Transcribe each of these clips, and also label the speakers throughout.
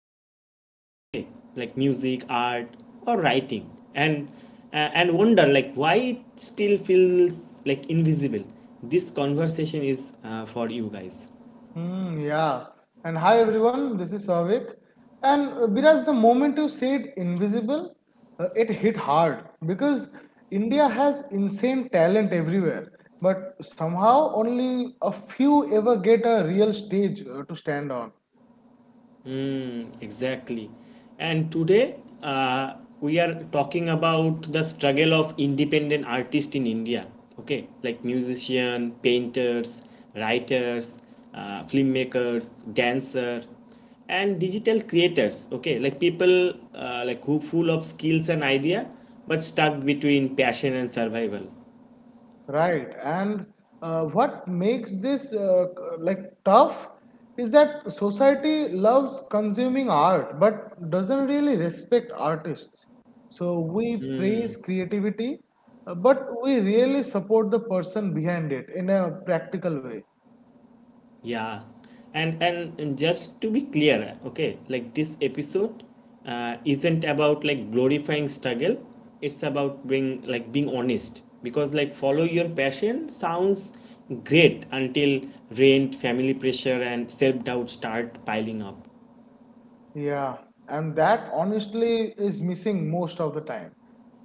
Speaker 1: your heart, okay, like music, art, or writing, and and wonder like why it still feels like invisible. This conversation is for you guys.
Speaker 2: Mm, yeah. And hi everyone, this is Savik. And Biraj, the moment you said invisible, it hit hard because India has insane talent everywhere, but somehow only a few ever get a real stage to stand on.
Speaker 1: Mm, exactly. And today uh, we are talking about the struggle of independent artists in India. Okay, like musician, painters, writers, filmmakers, dancer, and digital creators. Okay, like people like who full of skills and idea, but stuck between passion and survival.
Speaker 2: Right. And what makes this like tough is that society loves consuming art but doesn't really respect artists. So we praise creativity, but we really support the person behind it in a practical way.
Speaker 1: Yeah, and just to be clear, okay, like this episode isn't about like glorifying struggle. It's about being like being honest because like follow your passion sounds great until rent, family pressure, and self doubt start piling up.
Speaker 2: Yeah, and that honestly is missing most of the time.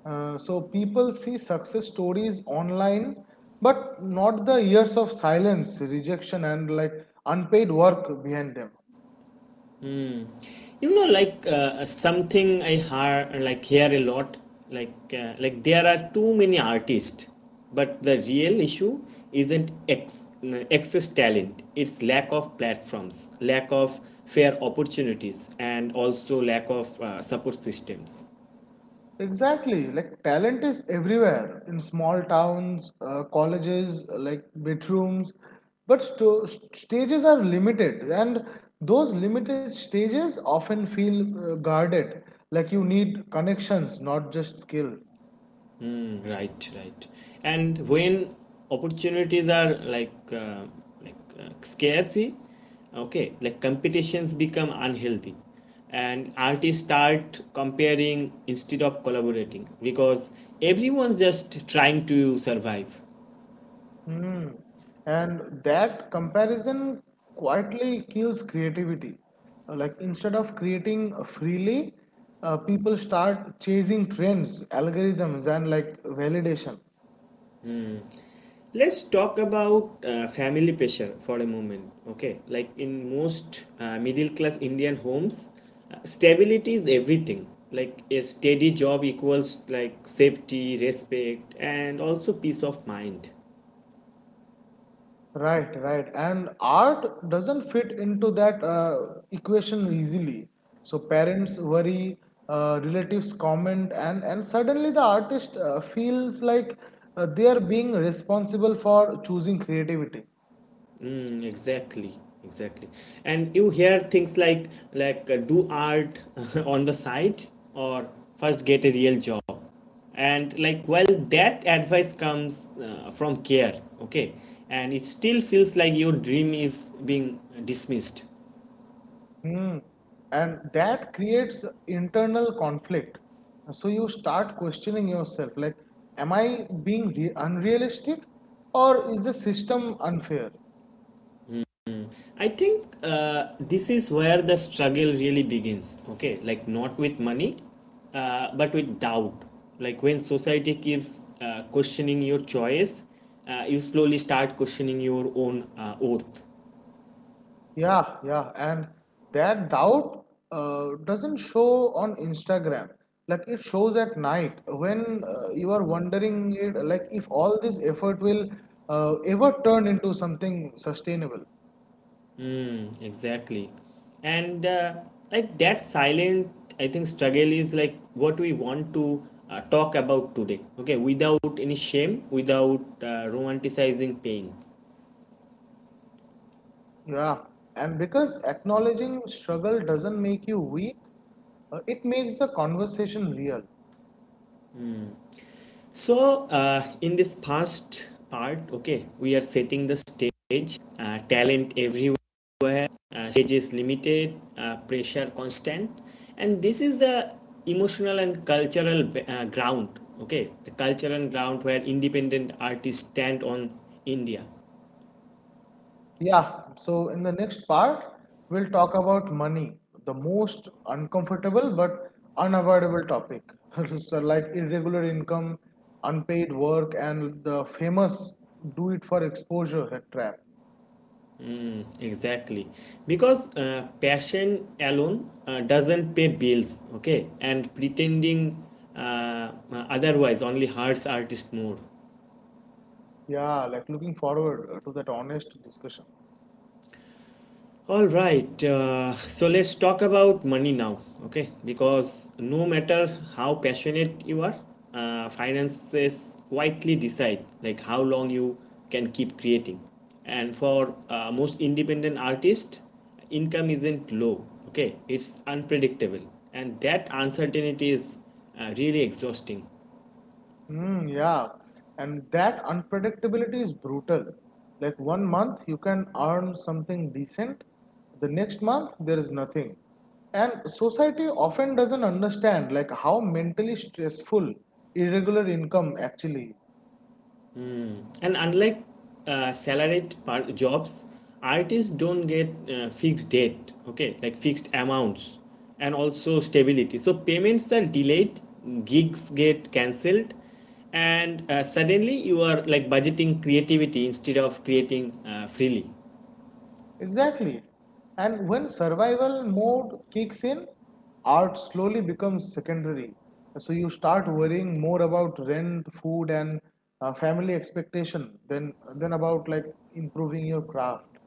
Speaker 2: So people see success stories online, but not the years of silence, rejection, and like unpaid work behind them.
Speaker 1: You know like something I hear a lot like there are too many artists but the real issue isn't ex- excess talent, it's lack of platforms, lack of fair opportunities, and also lack of support systems.
Speaker 2: Exactly, like talent is everywhere in small towns, colleges, like bedrooms, but stages are limited, and those limited stages often feel guarded. Like you need connections, not just skill.
Speaker 1: Mm, right. And when opportunities are like scarcity, okay, like competitions become unhealthy, and artists start comparing instead of collaborating because everyone's just trying to survive.
Speaker 2: Hmm. And that comparison quietly kills creativity. Like instead of creating freely, people start chasing trends, algorithms, and like validation.
Speaker 1: Let's talk about family pressure for a moment. Okay, like in most middle class Indian homes, stability is everything. Like a steady job equals like safety, respect, and also peace of mind.
Speaker 2: Right, right. And art doesn't fit into that equation easily. So parents worry, relatives comment, and suddenly the artist feels like they are being responsible for choosing creativity.
Speaker 1: Mm, exactly, and you hear things like do art on the side, or first get a real job. And like well, that advice comes from care, okay, and it still feels like your dream is being dismissed.
Speaker 2: Hmm. And that creates internal conflict. So you start questioning yourself like, am I being unrealistic or is the system unfair?
Speaker 1: I think this is where the struggle really begins. Okay, like not with money, but with doubt. Like when society keeps questioning your choice, you slowly start questioning your own worth.
Speaker 2: Yeah, yeah. And that doubt doesn't show on Instagram. Like it shows at night when you are wondering it, like if all this effort will ever turn into something sustainable.
Speaker 1: Hmm, exactly, and like that silent, I think struggle is like what we want to talk about today. Okay, without any shame, without romanticizing pain.
Speaker 2: Yeah, and because acknowledging struggle doesn't make you weak, it makes the conversation real.
Speaker 1: So, in this past part, okay, we are setting the stage, talent everywhere, stage is limited, pressure constant, and this is the emotional and cultural ground, okay, the cultural ground where independent artists stand on India.
Speaker 2: Yeah, so in the next part, we'll talk about money, the most uncomfortable but unavoidable topic. So, like irregular income, unpaid work, and the famous do it for exposure trap.
Speaker 1: Exactly, because passion alone doesn't pay bills, okay, and pretending otherwise only hurts artists more.
Speaker 2: Yeah, like looking forward to that honest discussion.
Speaker 1: All right, so let's talk about money now, okay? Because no matter how passionate you are, finances quietly decide like how long you can keep creating. And for most independent artists, income isn't low, okay? It's unpredictable, and that uncertainty is really exhausting.
Speaker 2: Mm, yeah, and that unpredictability is brutal. Like one month you can earn something decent, the next month there is nothing. And society often doesn't understand like how mentally stressful irregular income actually is.
Speaker 1: And unlike jobs, artists don't get fixed date, okay, like fixed amounts and also stability. So payments are delayed, gigs get cancelled, and suddenly you are like budgeting creativity instead of creating freely.
Speaker 2: Exactly. And when survival mode kicks in, art slowly becomes secondary. So you start worrying more about rent, food, and family expectation than about like improving your craft.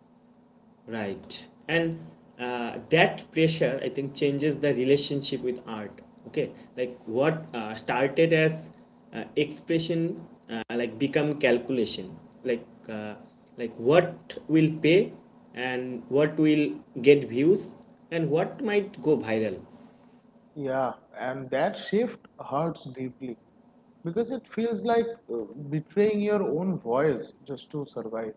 Speaker 1: Right, and that pressure I think changes the relationship with art, okay, like what started as expression like become calculation, like uh, like what will pay, and what will get views, and what might go viral.
Speaker 2: Yeah, and that shift hurts deeply because it feels like uh, betraying your own voice just to survive.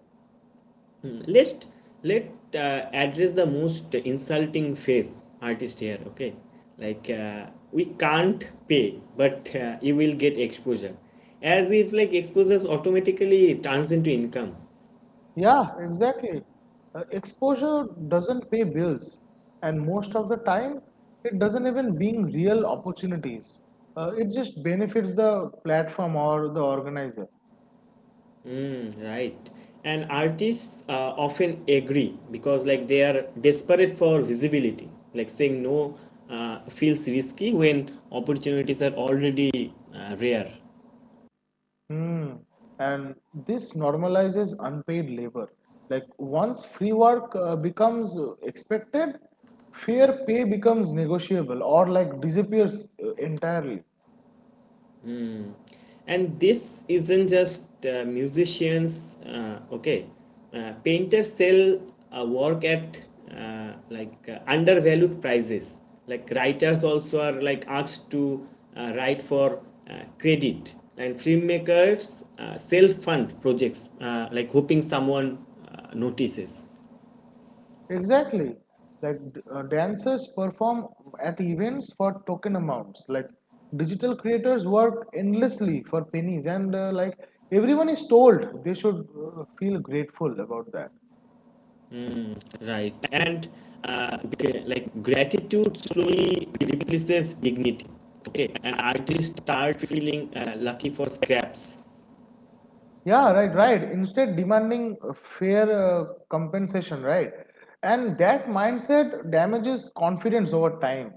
Speaker 1: Let's let uh, address the most insulting phase artist here, okay, like we can't pay but you will get exposure, as if like exposures automatically turns into income.
Speaker 2: Yeah, exactly. Exposure doesn't pay bills, and most of the time, it doesn't even bring real opportunities. It just benefits the platform or the organizer.
Speaker 1: Mm, right, and artists often agree because like they are desperate for visibility, like saying no feels risky when opportunities are already rare.
Speaker 2: Hmm. And this normalizes unpaid labor. Like once free work becomes expected, fair pay becomes negotiable or like disappears entirely.
Speaker 1: And this isn't just musicians, okay, painters sell work at undervalued prices, like writers also are like asked to write for credit, and filmmakers self-fund projects like hoping someone notices.
Speaker 2: Exactly. Like dancers perform at events for token amounts. Like digital creators work endlessly for pennies, and like everyone is told they should feel grateful about that.
Speaker 1: Right. And uh, like gratitude slowly replaces dignity. Okay. And artists start feeling lucky for scraps.
Speaker 2: Yeah, right, right. Instead, demanding fair compensation, right? And that mindset damages confidence over time.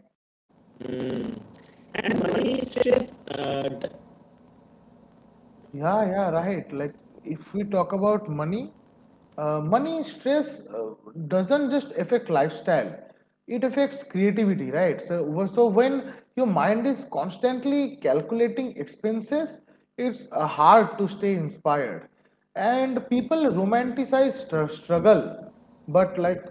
Speaker 1: And money stress,
Speaker 2: Yeah, yeah, right. Like if we talk about money, money stress doesn't just affect lifestyle. It affects creativity, right? So, so when your mind is constantly calculating expenses, it's hard to stay inspired. And people romanticize struggle, but like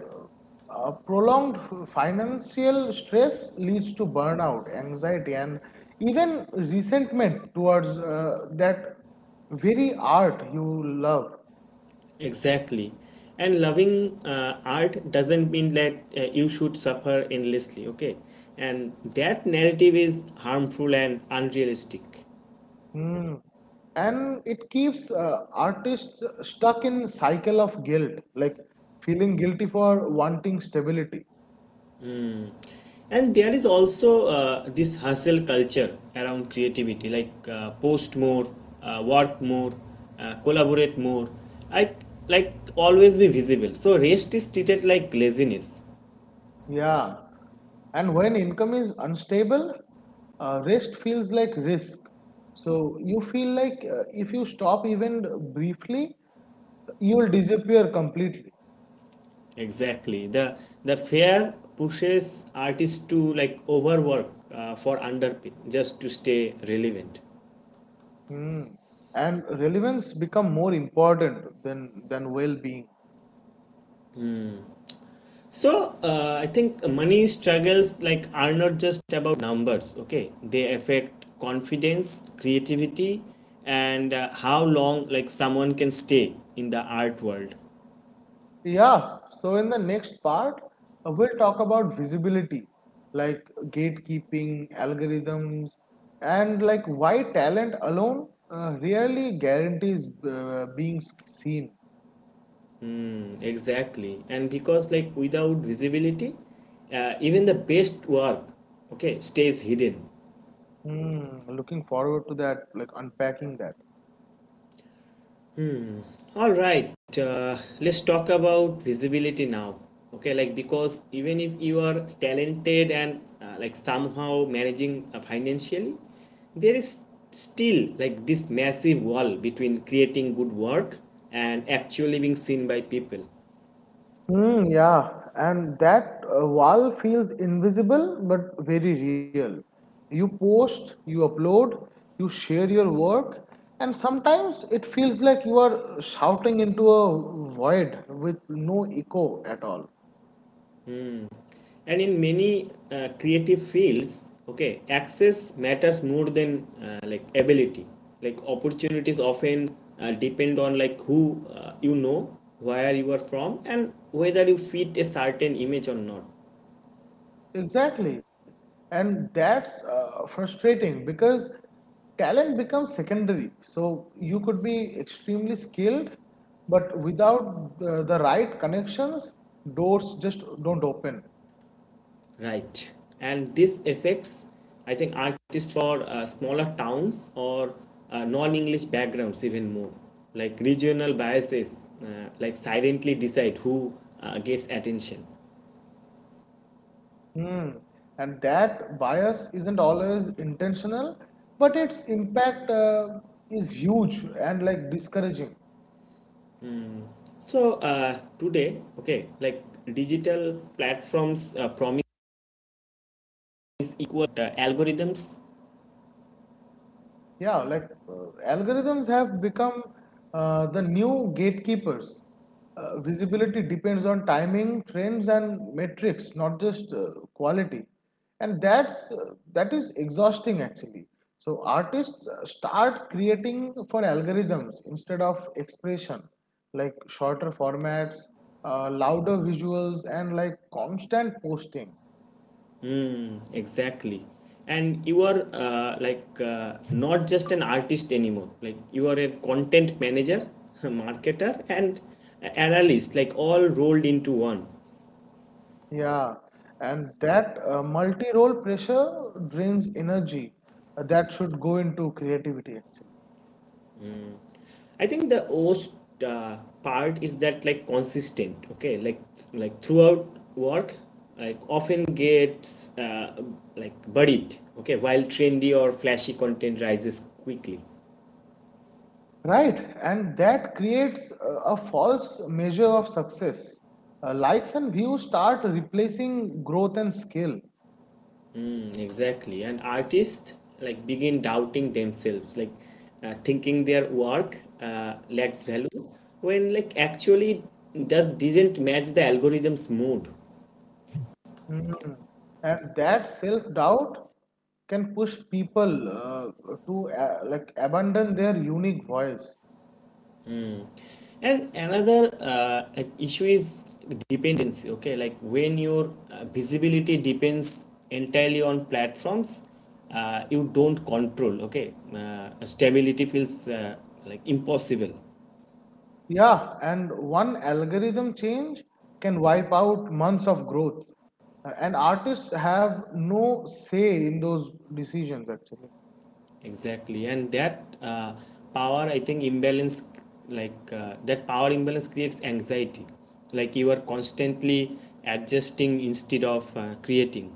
Speaker 2: prolonged financial stress leads to burnout, anxiety, and even resentment towards that very art you love.
Speaker 1: exactly. And loving art doesn't mean that you should suffer endlessly. Okay. And that narrative is harmful and unrealistic.
Speaker 2: Hmm. And it keeps artists stuck in cycle of guilt, like feeling guilty for wanting stability,
Speaker 1: And there is also this hustle culture around creativity, like post more, work more, collaborate more, like like always be visible. So rest is treated like laziness.
Speaker 2: Yeah. And when income is unstable, rest feels like risk. So you feel like if you stop even briefly, you will disappear completely.
Speaker 1: Exactly. The fear pushes artists to like overwork for underpay just to stay relevant.
Speaker 2: Hmm. And relevance become more important than well-being.
Speaker 1: So I think money struggles like are not just about numbers. Okay, they affect confidence, creativity, and how long like someone can stay in the art world.
Speaker 2: Yeah, so in the next part, we'll talk about visibility, like gatekeeping, algorithms, and like why talent alone really guarantees being seen.
Speaker 1: Mm, exactly, and because like without visibility, even the best work, okay, stays hidden.
Speaker 2: Hmm, looking forward to that, like unpacking that.
Speaker 1: All right, let's talk about visibility now. Okay, like because even if you are talented and like somehow managing financially, there is still like this massive wall between creating good work and actually being seen by people.
Speaker 2: Mm, yeah, and that wall feels invisible but very real. You post, you upload, you share your work, and sometimes it feels like you are shouting into a void with no echo at all.
Speaker 1: And in many creative fields, okay, access matters more than like ability, like opportunities often depend on like who you know, where you are from, and whether you fit a certain image or not.
Speaker 2: Exactly, and that's frustrating because talent becomes secondary. So you could be extremely skilled, but without the right connections, doors just don't open.
Speaker 1: Right, and this affects I think artists for smaller towns or non-english backgrounds even more, like regional biases like silently decide who gets attention.
Speaker 2: Hmm. And that bias isn't always intentional, but its impact is huge and like discouraging.
Speaker 1: So today, okay, like digital platforms promise equal algorithms.
Speaker 2: Yeah, like algorithms have become the new gatekeepers. Visibility depends on timing, trends, and metrics, not just quality. And that's that is exhausting actually. So artists start creating for algorithms instead of expression, like shorter formats, louder visuals, and like constant posting.
Speaker 1: Exactly, and you are not just an artist anymore. Like you are a content manager, a marketer, and analyst, like all rolled into one.
Speaker 2: Yeah, and that multi-role pressure drains energy that should go into creativity actually.
Speaker 1: I think the worst part is that like consistent, okay, like throughout work, like often gets like buried, okay, while trendy or flashy content rises quickly.
Speaker 2: Right, and that creates a false measure of success. Likes and views start replacing growth and skill.
Speaker 1: Mm, exactly, and artists like begin doubting themselves, like thinking their work lacks value when like actually it does didn't match the algorithm's mood.
Speaker 2: Mhm. And that self-doubt can push people to like abandon their unique voice
Speaker 1: And another like issue is dependency. Okay, like when your visibility depends entirely on platforms, you don't control. Okay, stability feels like impossible.
Speaker 2: Yeah, and one algorithm change can wipe out months of growth. And artists have no say in those decisions, actually.
Speaker 1: Exactly, and that power, I think, imbalance like that power imbalance creates anxiety. Like you are constantly adjusting instead of creating.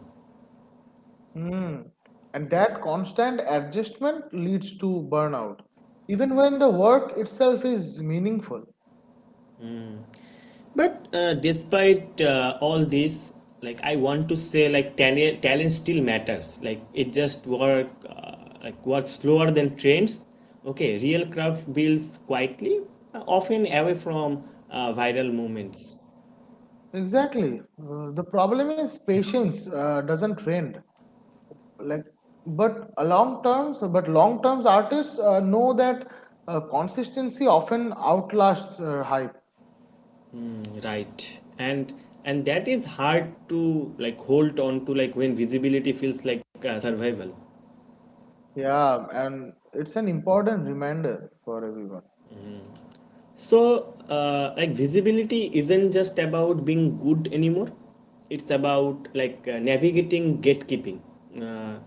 Speaker 2: Mm. And that constant adjustment leads to burnout, even when the work itself is meaningful.
Speaker 1: But despite all this, like I want to say, like talent still matters. Like it just work, like works slower than trends. Okay, real craft builds quietly, often away from viral movements.
Speaker 2: Exactly. The problem is patience doesn't trend. Like, but long terms artists know that consistency often outlasts hype.
Speaker 1: Mm, right, and that is hard to like hold on to, like when visibility feels like survival.
Speaker 2: Yeah, and it's an important reminder for everyone.
Speaker 1: So, like visibility isn't just about being good anymore. It's about like navigating gatekeeping, uh,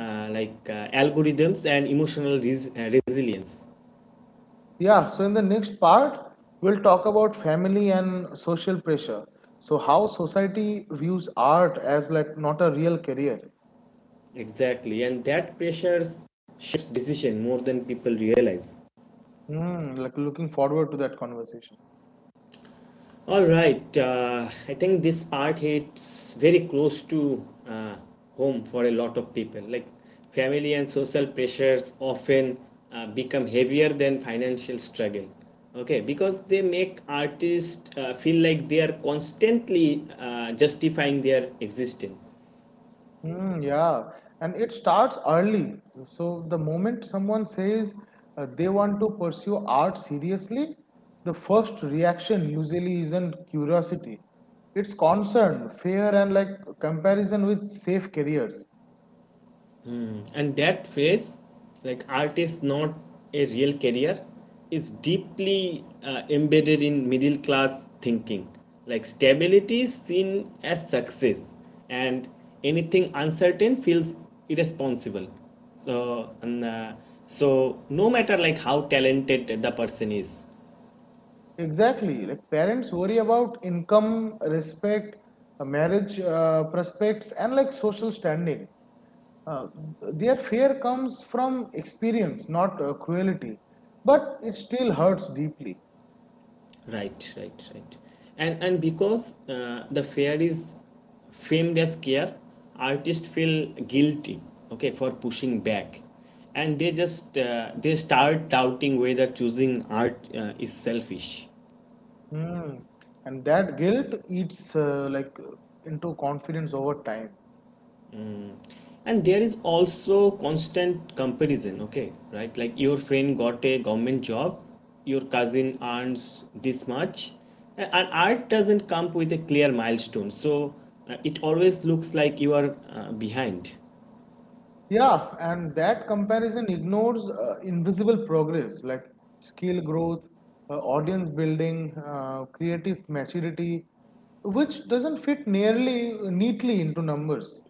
Speaker 1: algorithms and emotional resilience.
Speaker 2: Yeah, so in the next part, we'll talk about family and social pressure. So how society views art as like not a real career.
Speaker 1: Exactly, and that pressures shapes decision more than people realize.
Speaker 2: Hmm, like looking forward to that conversation.
Speaker 1: All right. I think this part hits very close to home for a lot of people. Like family and social pressures often become heavier than financial struggle. Okay, because they make artists feel like they are constantly justifying their existence.
Speaker 2: Mm, yeah, and it starts early. So the moment someone says they want to pursue art seriously, the first reaction usually isn't curiosity. It's concern, fear, and like comparison with safe careers.
Speaker 1: Mm. And that phrase, like art is not a real career, is deeply embedded in middle class thinking. Like stability is seen as success, and anything uncertain feels irresponsible. So, and, so no matter like how talented the person is,
Speaker 2: Exactly. Like parents worry about income, respect, marriage prospects, and like social standing. Uh, their fear comes from experience, not cruelty, but it still hurts deeply.
Speaker 1: right. And because the fair is famed as care, artists feel guilty, okay, for pushing back, and they start doubting whether choosing art is selfish.
Speaker 2: Hmm. And that guilt eats like into confidence over time.
Speaker 1: And there is also constant comparison, okay, right? Like your friend got a government job, your cousin earns this much, and art doesn't come with a clear milestone, so it always looks like you are behind.
Speaker 2: Yeah, and that comparison ignores invisible progress like skill growth, audience building, creative maturity, which doesn't fit nearly neatly into numbers.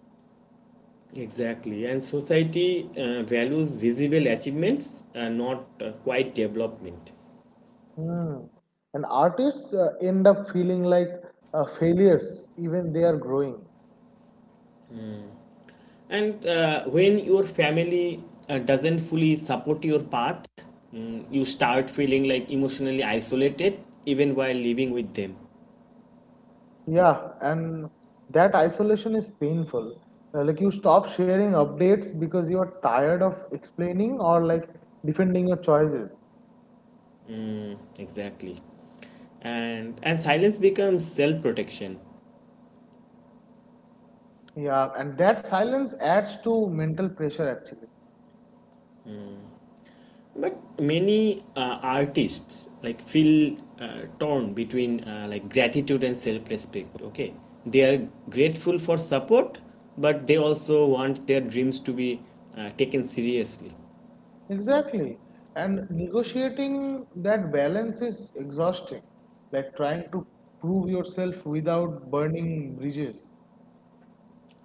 Speaker 1: Exactly, and society values visible achievements, not quiet development.
Speaker 2: Hmm. And artists end up feeling like failures even they are growing.
Speaker 1: And when your family doesn't fully support your path, mm, you start feeling like emotionally isolated even while living with them.
Speaker 2: Yeah, and that isolation is painful. Like you stop sharing updates because you are tired of explaining or like defending your choices.
Speaker 1: Exactly. And silence becomes self protection.
Speaker 2: Yeah, and that silence adds to mental pressure actually.
Speaker 1: But many artists like feel torn between like gratitude and self-respect. Okay, they are grateful for support, but they also want their dreams to be taken seriously,
Speaker 2: Exactly. And negotiating that balance is exhausting, like trying to prove yourself without burning bridges.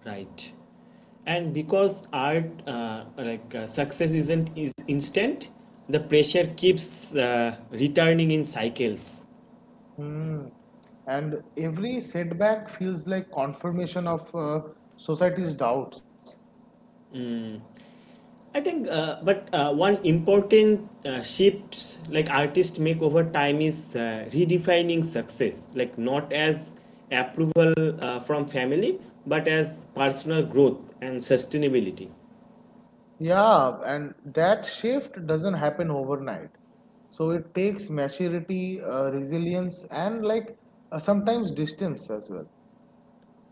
Speaker 1: right? And because art like success isn't is instant, the pressure keeps returning in cycles.
Speaker 2: Hmm. And every setback feels like confirmation of society's doubts.
Speaker 1: I think, but one important shift like artists make over time is redefining success, like not as approval from family, but as personal growth and sustainability.
Speaker 2: Yeah, and that shift doesn't happen overnight. So it takes maturity, resilience, and like sometimes distance as well.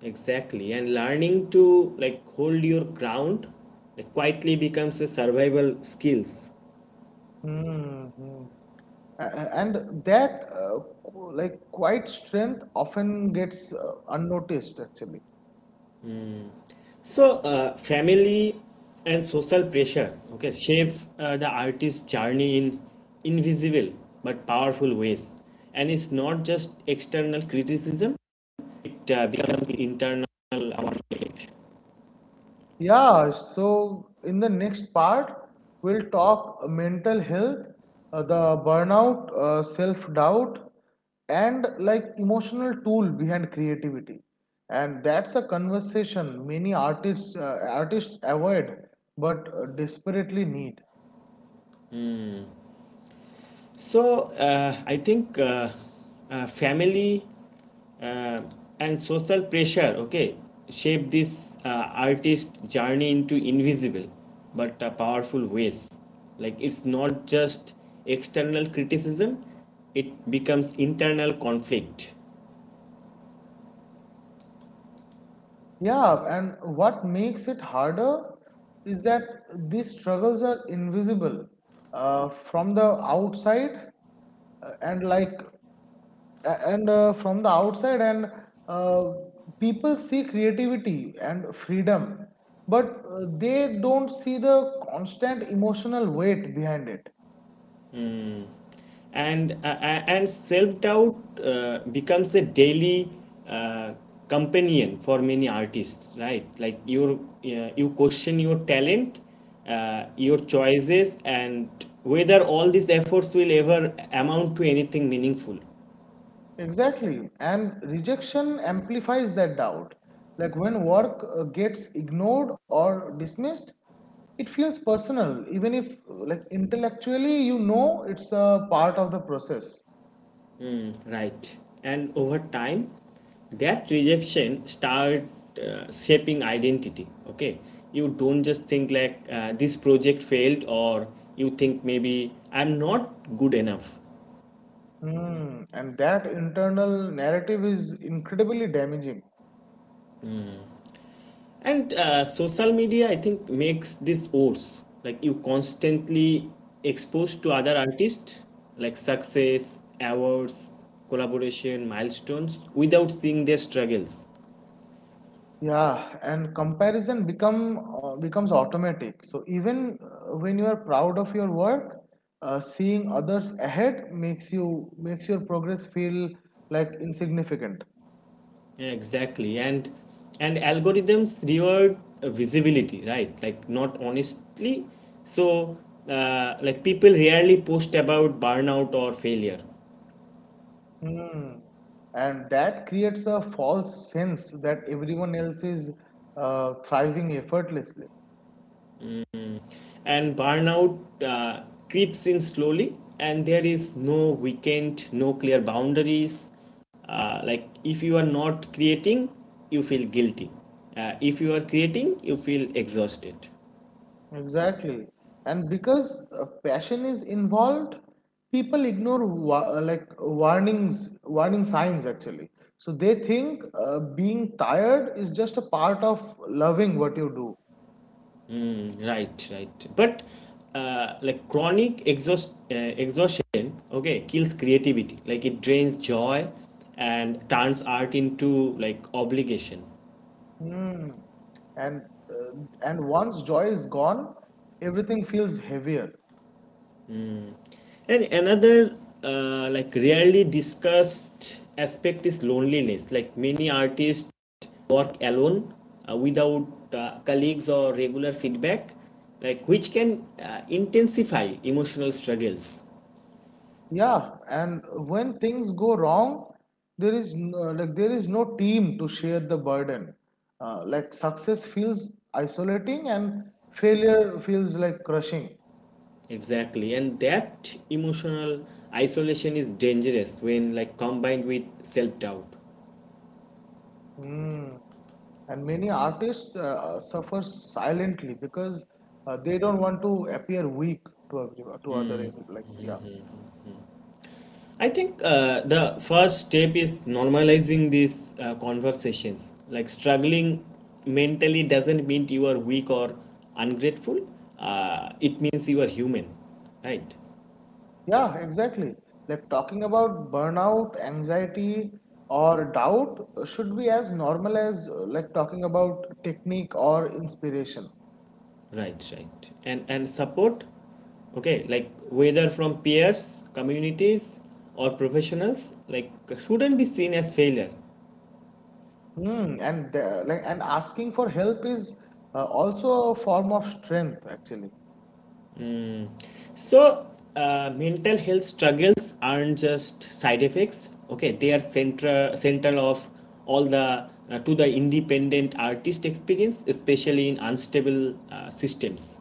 Speaker 1: Exactly, and learning to like hold your ground, like quietly becomes a survival skills.
Speaker 2: Hmm, hmm. And that, uh, like, quiet strength often gets unnoticed actually.
Speaker 1: So, family and social pressure, okay, shape the artist's journey in invisible but powerful ways. And it's not just external criticism, it becomes internal conflict.
Speaker 2: Yeah, so in the next part, we'll talk mental health, the burnout, self-doubt, and like emotional tool behind creativity. And that's a conversation many artists avoid but desperately need.
Speaker 1: So, I think family uh, and social pressure, okay, shape this artist journey into invisible but powerful ways. Like, it's not just external criticism, it becomes internal conflict.
Speaker 2: Yeah, and what makes it harder is that these struggles are invisible from the outside, and like a- and from the outside, and uh, people see creativity and freedom, but they don't see the constant emotional weight behind it.
Speaker 1: And self doubt becomes a daily uh, companion for many artists, right? Like you question your talent, your choices and whether all these efforts will ever amount to anything meaningful.
Speaker 2: Exactly. And rejection amplifies that doubt. Like when work gets ignored or dismissed, it feels personal, even if like intellectually you know it's a part of the process.
Speaker 1: Right. And over time that rejection start shaping identity, okay? You don't just think like, this project failed, or you think maybe I'm not good enough.
Speaker 2: Hmm. And that internal narrative is incredibly damaging.
Speaker 1: And social media, I think, makes this worse. Like, you constantly exposed to other artists, like success awards, collaboration milestones without seeing their struggles.
Speaker 2: Yeah, and comparison become becomes automatic. So even when you are proud of your work, seeing others ahead makes your progress feel like insignificant.
Speaker 1: Yeah, exactly. And algorithms reward visibility, right? Like, not honestly. So, like, people rarely post about burnout or failure.
Speaker 2: Hmm. And that creates a false sense that everyone else is thriving effortlessly.
Speaker 1: And burnout creeps in slowly. And there is no weekend, no clear boundaries. Like, if you are not creating, you feel guilty. If you are creating, you feel exhausted.
Speaker 2: Exactly. And because passion is involved, people ignore warning signs actually. So they think being tired is just a part of loving what you do.
Speaker 1: Right, right. But, like, chronic exhaustion, okay, kills creativity. Like, it drains joy and turns art into like obligation.
Speaker 2: Hmm. And uh, and once joy is gone, everything feels heavier.
Speaker 1: And another like rarely discussed aspect is loneliness. Like, many artists work alone without colleagues or regular feedback, like which can intensify emotional struggles.
Speaker 2: Yeah, and when things go wrong, there is no team to share the burden. Like success feels isolating and failure feels like crushing.
Speaker 1: Exactly, and that emotional isolation is dangerous when like combined with self-doubt.
Speaker 2: Mm. And many artists suffer silently because they don't want to appear weak to everyone, to other ev- like yeah.
Speaker 1: I think the first step is normalizing these conversations. Like, struggling mentally doesn't mean you are weak or ungrateful. It means you are human, right?
Speaker 2: Yeah, exactly. Like talking about burnout, anxiety, or doubt should be as normal as like talking about technique or inspiration.
Speaker 1: Right, right. And support, okay, like whether from peers, communities or professionals, like shouldn't be seen as failure.
Speaker 2: Hmm. And asking for help is also a form of strength, actually.
Speaker 1: So, mental health struggles aren't just side effects. Okay, they are central of all the to the independent artist experience, especially in unstable systems.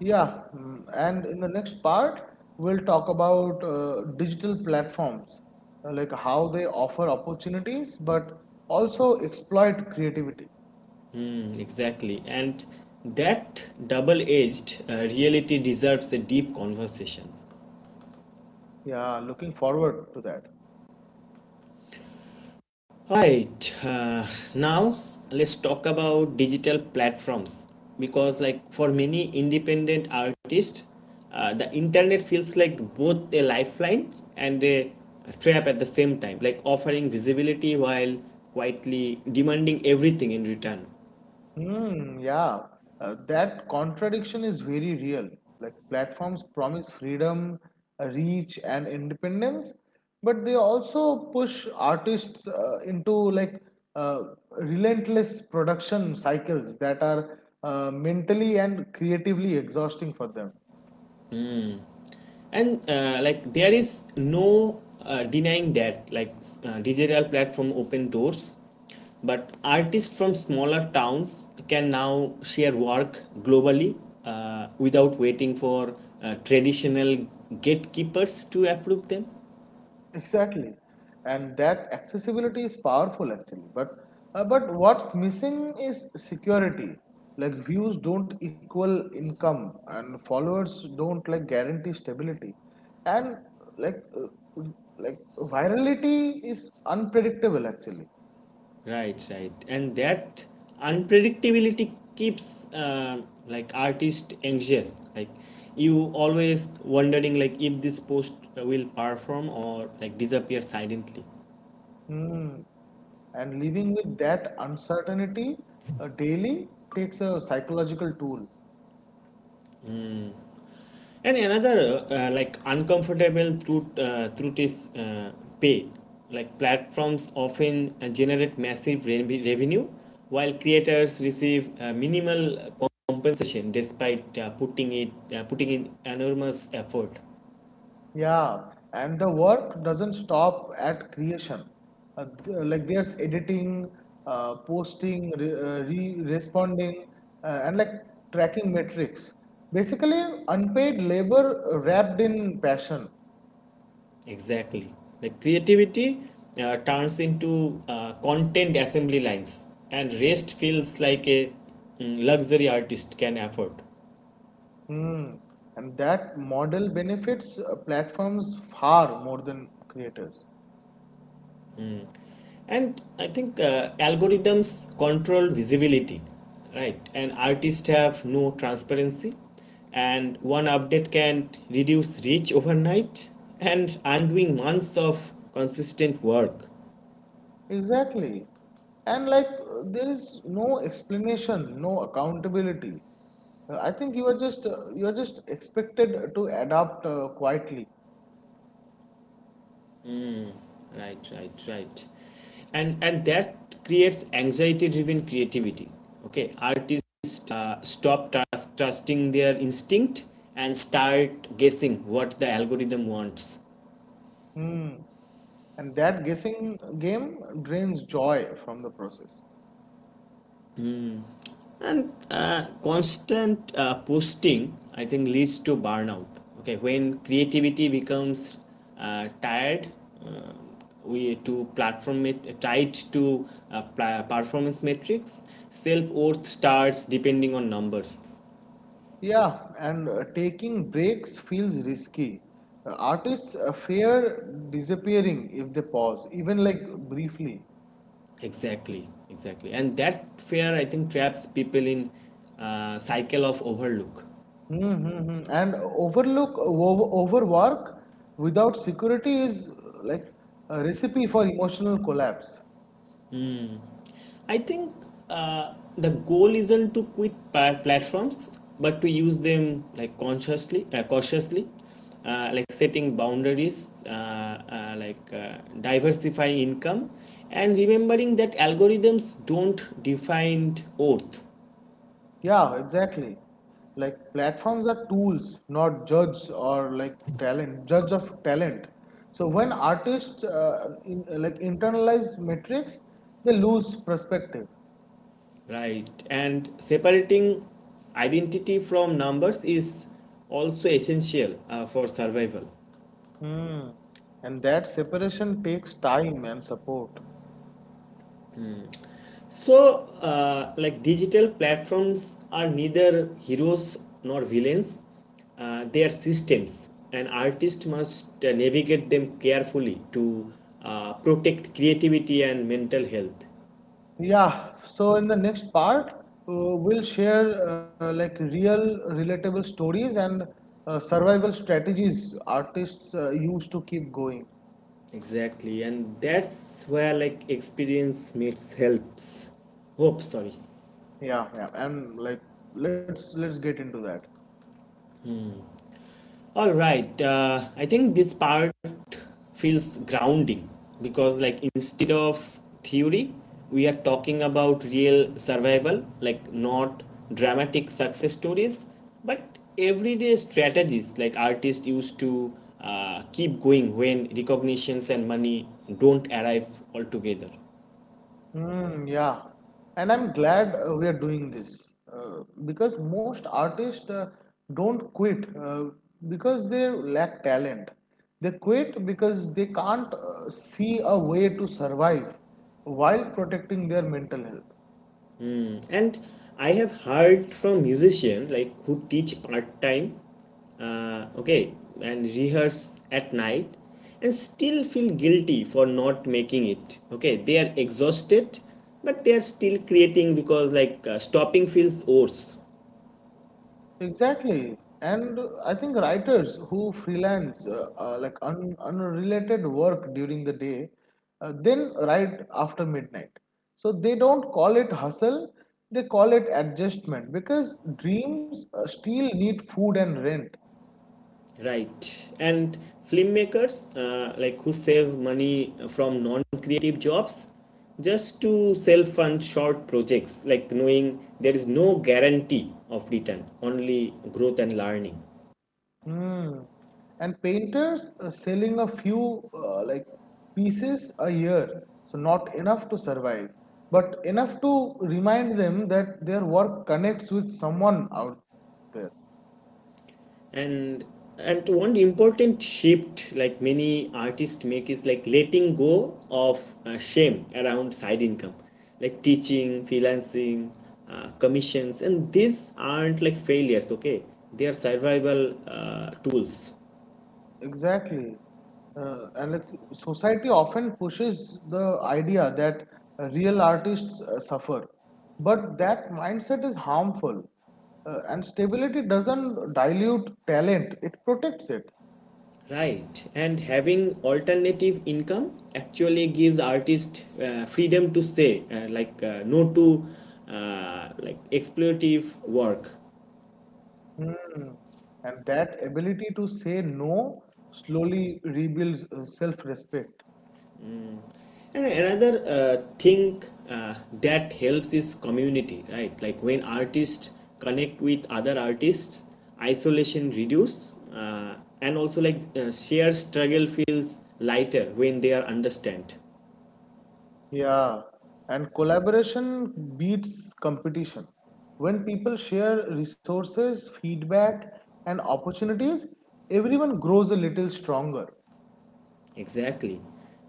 Speaker 2: Yeah. And in the next part, we'll talk about digital platforms, like how they offer opportunities, but also exploit creativity.
Speaker 1: Mm, exactly, and that double-edged reality deserves a deep conversation.
Speaker 2: Yeah, looking forward to that.
Speaker 1: Right. Now let's talk about digital platforms because, like, for many independent artists, the internet feels like both a lifeline and a trap at the same time, like offering visibility while quietly demanding everything in return.
Speaker 2: Hmm, yeah. That contradiction is very real. Like platforms promise freedom, reach, and independence, but they also push artists into like uh, relentless production cycles that are mentally and creatively exhausting for them.
Speaker 1: And like, there is no denying that, like, digital platform open doors, but artists from smaller towns can now share work globally without waiting for traditional gatekeepers to approve them.
Speaker 2: Exactly, and that accessibility is powerful actually. But what's missing is security. Like views don't equal income, and followers don't like guarantee stability, and like uh, like virality is unpredictable actually.
Speaker 1: Right, right. And that unpredictability keeps like artist anxious, like you always wondering like if this post will perform or like disappear silently.
Speaker 2: Hmm. And living with that uncertainty daily takes a psychological toll.
Speaker 1: And another like uncomfortable truth is pay. Like, platforms often generate massive revenue, while creators receive minimal compensation despite putting in enormous effort.
Speaker 2: Yeah, and the work doesn't stop at creation. There's editing, posting, re responding, and tracking metrics. Basically, unpaid labor wrapped in passion.
Speaker 1: Exactly, like creativity turns into content assembly lines, and rest feels like a luxury artist can afford.
Speaker 2: Hmm. And that model benefits platforms far more than creators.
Speaker 1: And I think algorithms control visibility, right? And artists have no transparency, and one update can reduce reach overnight and undoing months of consistent work.
Speaker 2: Exactly. And there is no explanation, no accountability. I think you are just expected to adapt quietly.
Speaker 1: Right, right, right. And that creates anxiety-driven creativity. Okay, artists stop trusting their instinct and start guessing what the algorithm wants.
Speaker 2: Hmm. And that guessing game drains joy from the process.
Speaker 1: And constant posting, I think, leads to burnout, okay, when creativity becomes tired, uh, we to platform it tied to uh, performance metrics, self-worth starts depending on numbers.
Speaker 2: Yeah, and taking breaks feels risky. Artists fear disappearing if they pause, even like briefly.
Speaker 1: Exactly, exactly. And that fear, I think, traps people in a cycle of overlook.
Speaker 2: Mm-hmm. And overlook, overwork without security is like a recipe for emotional collapse.
Speaker 1: I think the goal isn't to quit platforms, but to use them like consciously, cautiously, like setting boundaries, like diversifying income, and remembering that algorithms don't define worth,
Speaker 2: Yeah, exactly. Like platforms are tools, not judge of talent. So when artists in, like internalize metrics, they lose perspective.
Speaker 1: right? And separating identity from numbers is also essential for survival.
Speaker 2: Hmm. And that separation takes time and support.
Speaker 1: So, like digital platforms are neither heroes nor villains, they are systems, and artists must navigate them carefully to protect creativity and mental health.
Speaker 2: Yeah, so in the next part, we'll share real relatable stories and survival strategies artists use to keep going.
Speaker 1: Exactly, and that's where like experience meets helps. Hope, sorry.
Speaker 2: Yeah, yeah, and like let's get into that.
Speaker 1: All right, I think this part feels grounding because, like, instead of theory we are talking about real survival, like not dramatic success stories but everyday strategies, like artists used to keep going when recognitions and money don't arrive altogether.
Speaker 2: Mm, yeah, and I'm glad we are doing this because most artists don't quit because they lack talent. They quit because they can't see a way to survive while protecting their mental health.
Speaker 1: And I have heard from musicians like who teach part-time, okay, and rehearse at night and still feel guilty for not making it, okay? They are exhausted but they are still creating because, like, stopping feels worse.
Speaker 2: Exactly. And I think writers who freelance un unrelated work during the day, then write after midnight. So they don't call it hustle, they call it adjustment because dreams still need food and rent.
Speaker 1: Right. And filmmakers, like, who save money from non-creative jobs just to self-fund short projects, like knowing there is no guarantee of return, only growth and learning.
Speaker 2: Hmm. And painters selling a few pieces a year, so not enough to survive, but enough to remind them that their work connects with someone out there.
Speaker 1: and and one important shift, like many artists make is like letting go of shame around side income, like teaching, freelancing, commissions, and these aren't like failures, okay? They are survival tools.
Speaker 2: Exactly. And like society often pushes the idea that real artists suffer. But that mindset is harmful. And stability doesn't dilute talent, it protects it.
Speaker 1: Right. And having alternative income actually gives artists freedom to say, like no to like exploitative work.
Speaker 2: Hmm. And that ability to say no slowly rebuilds self respect.
Speaker 1: And another thing uh, that helps is community, right? Like, when artists connect with other artists, isolation reduces, and also, like, shared struggle feels lighter when they are understand.
Speaker 2: Yeah, and collaboration beats competition. When people share resources, feedback, and opportunities, everyone grows a little stronger.
Speaker 1: Exactly,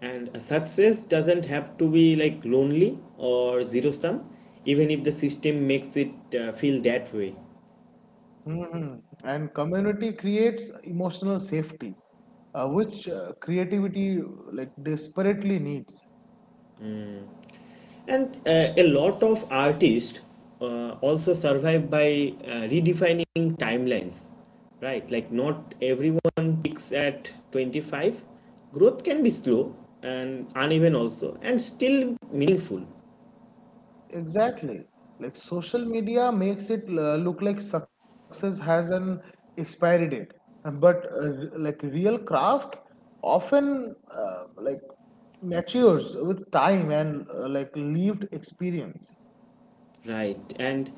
Speaker 1: and a success doesn't have to be like lonely or zero sum, even if the system makes it feel that way.
Speaker 2: Mhm. And community creates emotional safety, which creativity like desperately needs.
Speaker 1: And a lot of artists also survive by redefining timelines, right? Like, not everyone peaks at 25. Growth can be slow and uneven, also, and still meaningful.
Speaker 2: Exactly. Like social media makes it look like success has an expiry date, but real craft often matures with time and lived experience.
Speaker 1: Right. And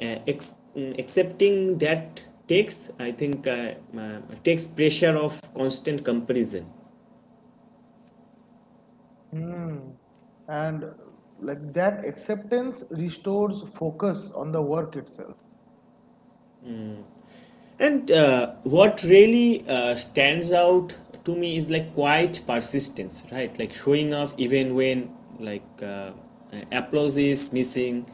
Speaker 1: accepting that takes, I think, takes pressure of constant comparison.
Speaker 2: Hmm. And that acceptance restores focus on the work itself.
Speaker 1: And what really stands out to me is like quiet persistence, right? Like showing up even when like applause is missing,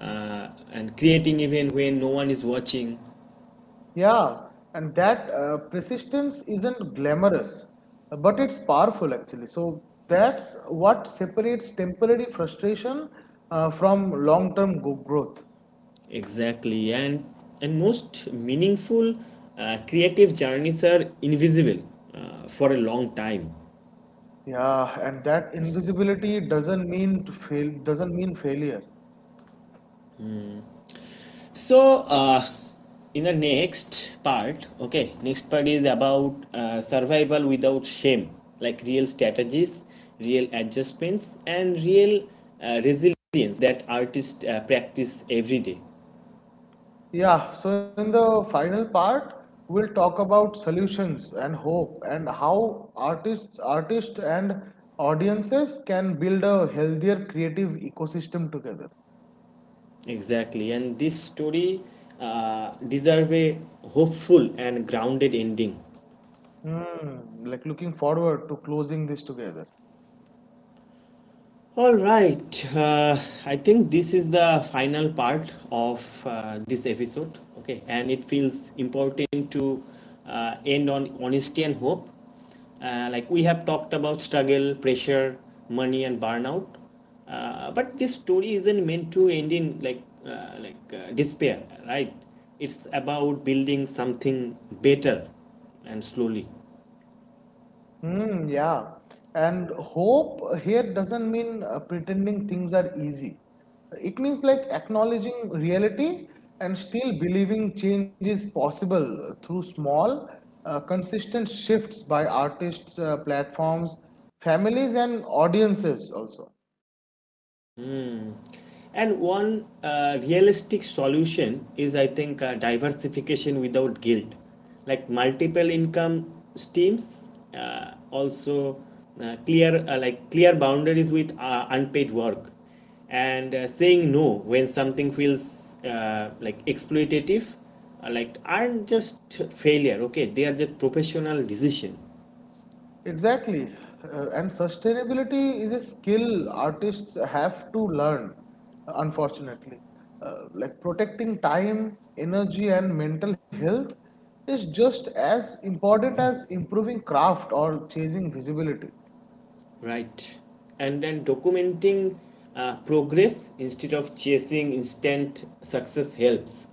Speaker 1: and creating even when no one is watching.
Speaker 2: Yeah, and that persistence isn't glamorous, but it's powerful actually. So that's what separates temporary frustration from long-term growth.
Speaker 1: Exactly, and most meaningful creative journeys are invisible for a long time.
Speaker 2: Yeah, and that invisibility doesn't mean failure.
Speaker 1: So, in the next part, okay, next part is about survival without shame, like real strategies, real adjustments, and real resilience that artists practice every day.
Speaker 2: Yeah, so in the final part, we'll talk about solutions and hope and how artists and audiences can build a healthier creative ecosystem together.
Speaker 1: Exactly, and this story deserve a hopeful and grounded ending.
Speaker 2: Hmm, like looking forward to closing this together.
Speaker 1: All right. I think this is the final part of this episode, okay? And it feels important to end on honesty and hope. Like, we have talked about struggle, pressure, money, and burnout. But this story isn't meant to end in like despair, right? It's about building something better and slowly.
Speaker 2: Hmm, yeah. And hope here doesn't mean pretending things are easy. It means like acknowledging realities and still believing change is possible through small, consistent shifts by artists, platforms, families, and audiences also.
Speaker 1: And one realistic solution is, I think, diversification without guilt, like multiple income streams, also clear, like clear boundaries with unpaid work, and saying no when something feels, like, exploitative, like aren't just failure. Okay, they are just professional decision.
Speaker 2: Exactly. And sustainability is a skill artists have to learn, unfortunately. Like protecting time, energy, and mental health is just as important as improving craft or chasing visibility.
Speaker 1: Right. And then documenting progress instead of chasing instant success helps.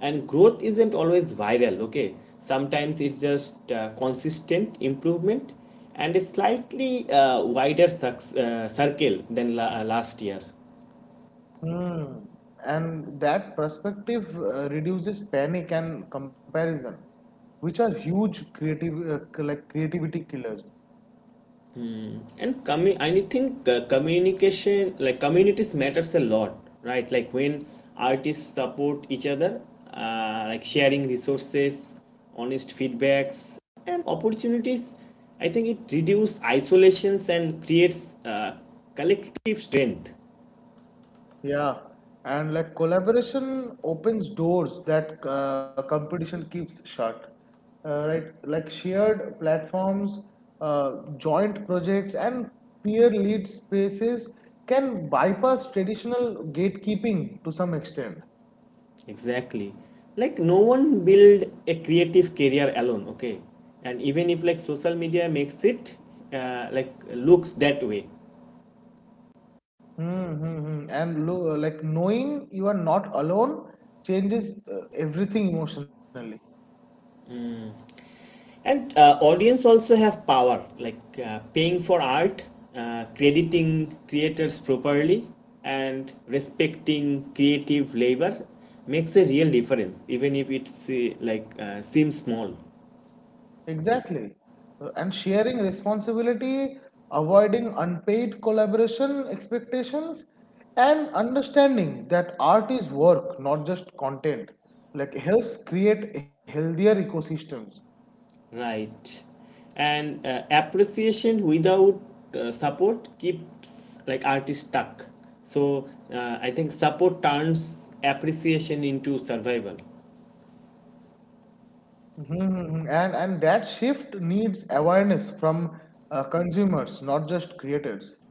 Speaker 1: And growth isn't always viral, okay? Sometimes it's just consistent improvement and a slightly wider circle than last year.
Speaker 2: Hmm. And that perspective reduces panic and comparison, which are huge creative, like creativity killers.
Speaker 1: And I think communication, like communities, matters a lot, right? Like, when artists support each other, like sharing resources, honest feedbacks, and opportunities. I think it reduces isolations and creates collective strength.
Speaker 2: Yeah, and like collaboration opens doors that competition keeps shut, right? Like shared platforms, uh, joint projects, and peer-led spaces can bypass traditional gatekeeping to some extent.
Speaker 1: Exactly. Like, no one build a creative career alone, okay? And even if like social media makes it like looks that way.
Speaker 2: Mm-hmm. And lo like knowing you are not alone changes everything emotionally.
Speaker 1: And audience also have power, like paying for art, crediting creators properly, and respecting creative labor makes a real difference, even if it like seems small.
Speaker 2: Exactly. And sharing responsibility, avoiding unpaid collaboration expectations, and understanding that art is work, not just content, like helps create healthier ecosystems.
Speaker 1: Right. And appreciation without support keeps like artists stuck. So, I think support turns appreciation into survival.
Speaker 2: Mhm. And that shift needs awareness from consumers, not just creators.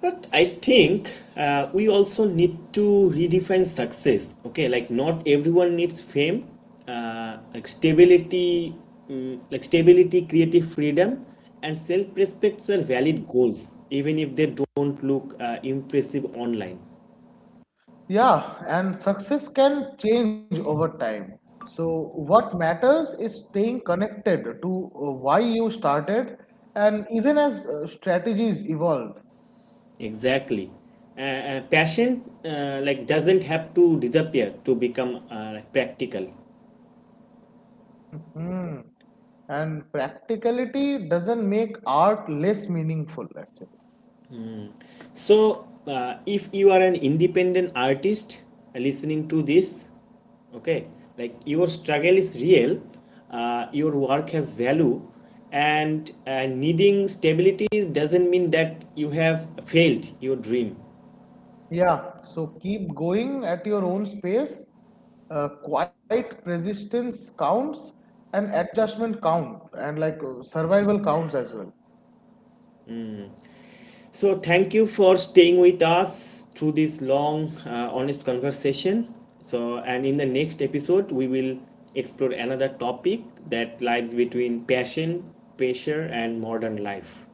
Speaker 1: But I think we also need to redefine success. Okay, like not everyone needs fame, like stability, creative freedom, and self-respect are valid goals, even if they don't look impressive online.
Speaker 2: Yeah, and success can change over time. So what matters is staying connected to why you started, and even as strategies evolve.
Speaker 1: Exactly, passion like doesn't have to disappear to become like practical.
Speaker 2: Mhm. And practicality doesn't make art less meaningful, actually.
Speaker 1: So, if you are an independent artist listening to this, okay, like your struggle is real, your work has value, and needing stability doesn't mean that you have failed your dream.
Speaker 2: Yeah, so keep going at your own space. Quiet resistance counts, and adjustment count, and survival counts as well.
Speaker 1: So, thank you for staying with us through this long, honest conversation. So, and in the next episode, we will explore another topic that lies between passion, pressure, and modern life.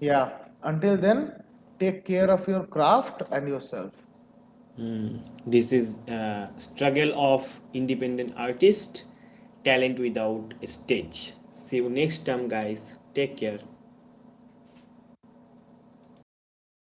Speaker 2: Yeah, until then, take care of your craft and yourself.
Speaker 1: This is struggle of independent artist, talent without stage. See you next time, guys. Take care.